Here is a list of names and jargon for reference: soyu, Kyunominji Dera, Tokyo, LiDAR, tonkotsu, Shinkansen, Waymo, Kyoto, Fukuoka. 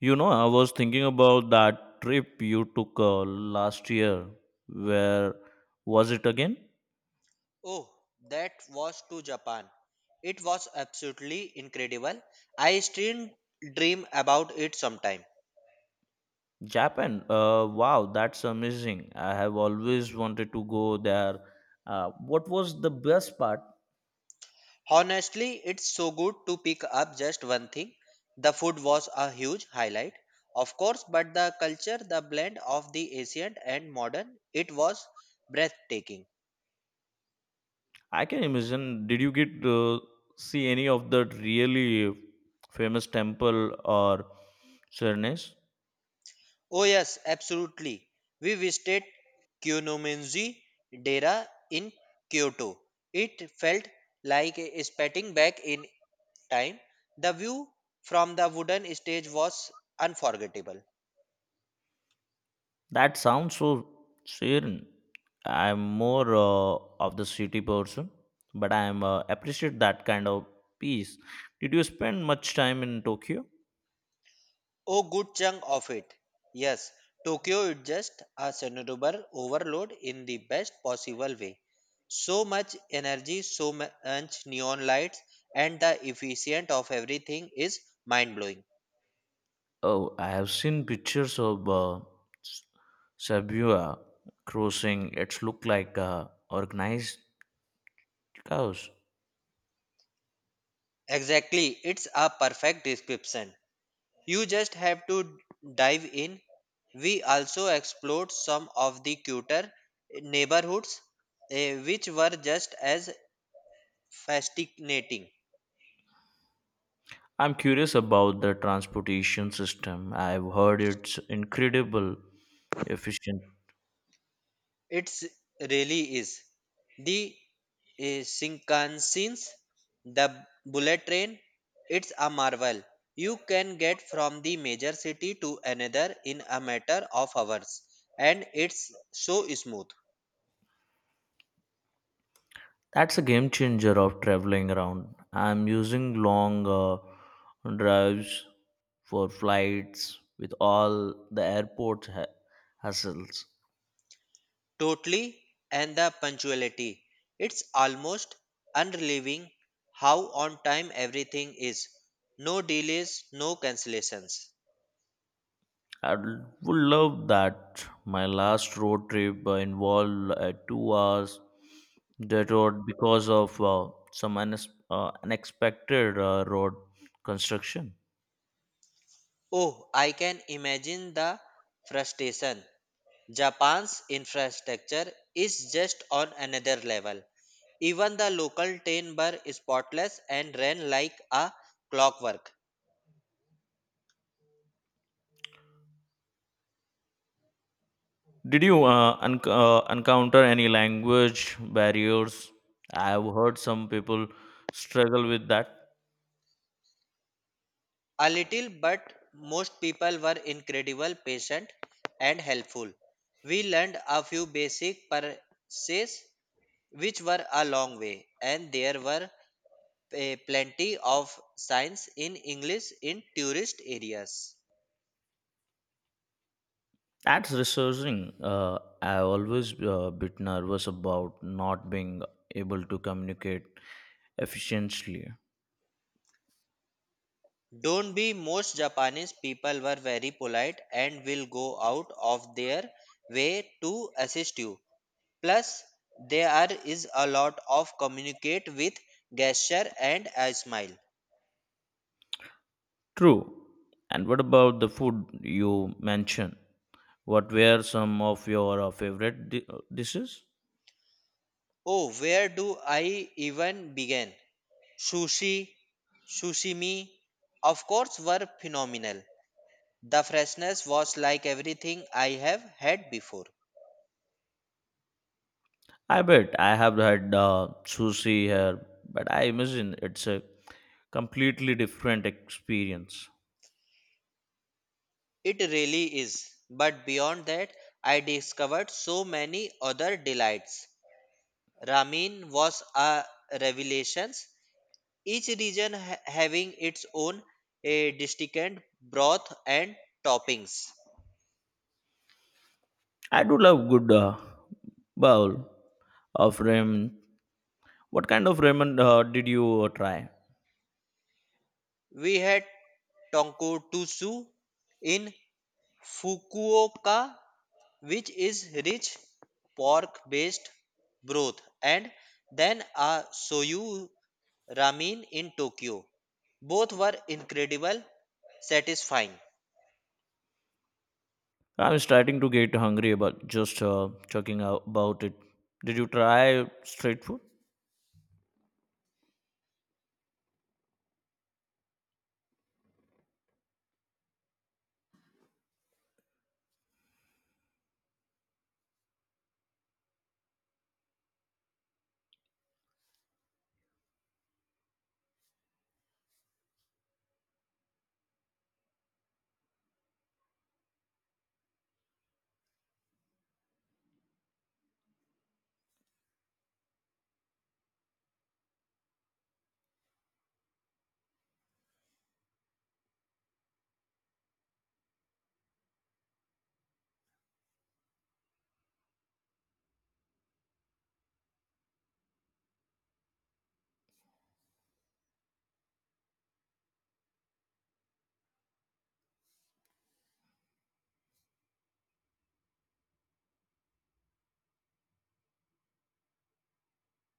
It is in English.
You know, I was thinking about that trip you took last year. Where was it again? Oh, that was to Japan. It was absolutely incredible. I still dream about it sometime. Japan. Wow, that's amazing. I have always wanted to go there. What was the best part? Honestly, it's so good to pick up just one thing. The food was a huge highlight, of course, but the culture, the blend of the ancient and modern, it was breathtaking. I can imagine. Did you get to see any of the really famous temple or shrines? Oh, yes, absolutely. We visited Kyunominji Dera in Kyoto. It felt like a spitting back in time, the view from the wooden stage was unforgettable. That sounds so serene. I'm more of the city person, but I am appreciate that kind of peace. Did you spend much time in Tokyo? A good chunk of it. Yes, Tokyo is just a cerebral overload in the best possible way. So much energy, so much neon lights, and the efficient of everything is mind blowing. Oh, I have seen pictures of S- Shibuya crossing. It's look like organized chaos. Exactly, it's a perfect description. You just have to dive in. We also explored some of the cuter neighborhoods, which were just as fascinating. I'm curious about the transportation system. I've heard it's incredible efficient. It's really is. The Shinkansen, the bullet train, it's a marvel. You can get from the major city to another in a matter of hours, and it's so smooth. That's a game changer of traveling around. I'm using long drives for flights with all the airport hassles. Totally, and the punctuality. It's almost unrelieving how on time everything is. No delays, no cancellations. I would love that. My last road trip involved a 2 hours detour because of some unexpected road construction. Oh, I can imagine the frustration. Japan's infrastructure is just on another level. Even the local train bar spotless and ran like a clockwork. Did you unc encounter any language barriers? I've heard some people struggle with that. A little, but most people were incredible, patient, and helpful. We learned a few basic purses, which were a long way, and there were plenty of signs in English in tourist areas. That's researching, I've always bit nervous about not being able to communicate efficiently. Don't be most Japanese people were very polite and will go out of their way to assist you. Plus, there is a lot of communicate with gesture and a smile. True. And what about the food you mentioned? What were some of your favorite dishes? Oh, where do I even begin? Sushi, sushimi, of course, were phenomenal. The freshness was like everything I have had before. I bet I have had sushi here, but I imagine it's a completely different experience. It really is. But beyond that, I discovered so many other delights. Ramen was a revelation, each region having its own a distinct broth and toppings. I do love good bowl of ramen. What kind of ramen did you try? We had tonkotsu in Fukuoka, which is rich pork based broth, and then a soyu ramen in Tokyo. Both were incredible satisfying. I'm starting to get hungry about just talking about it. Did you try street food?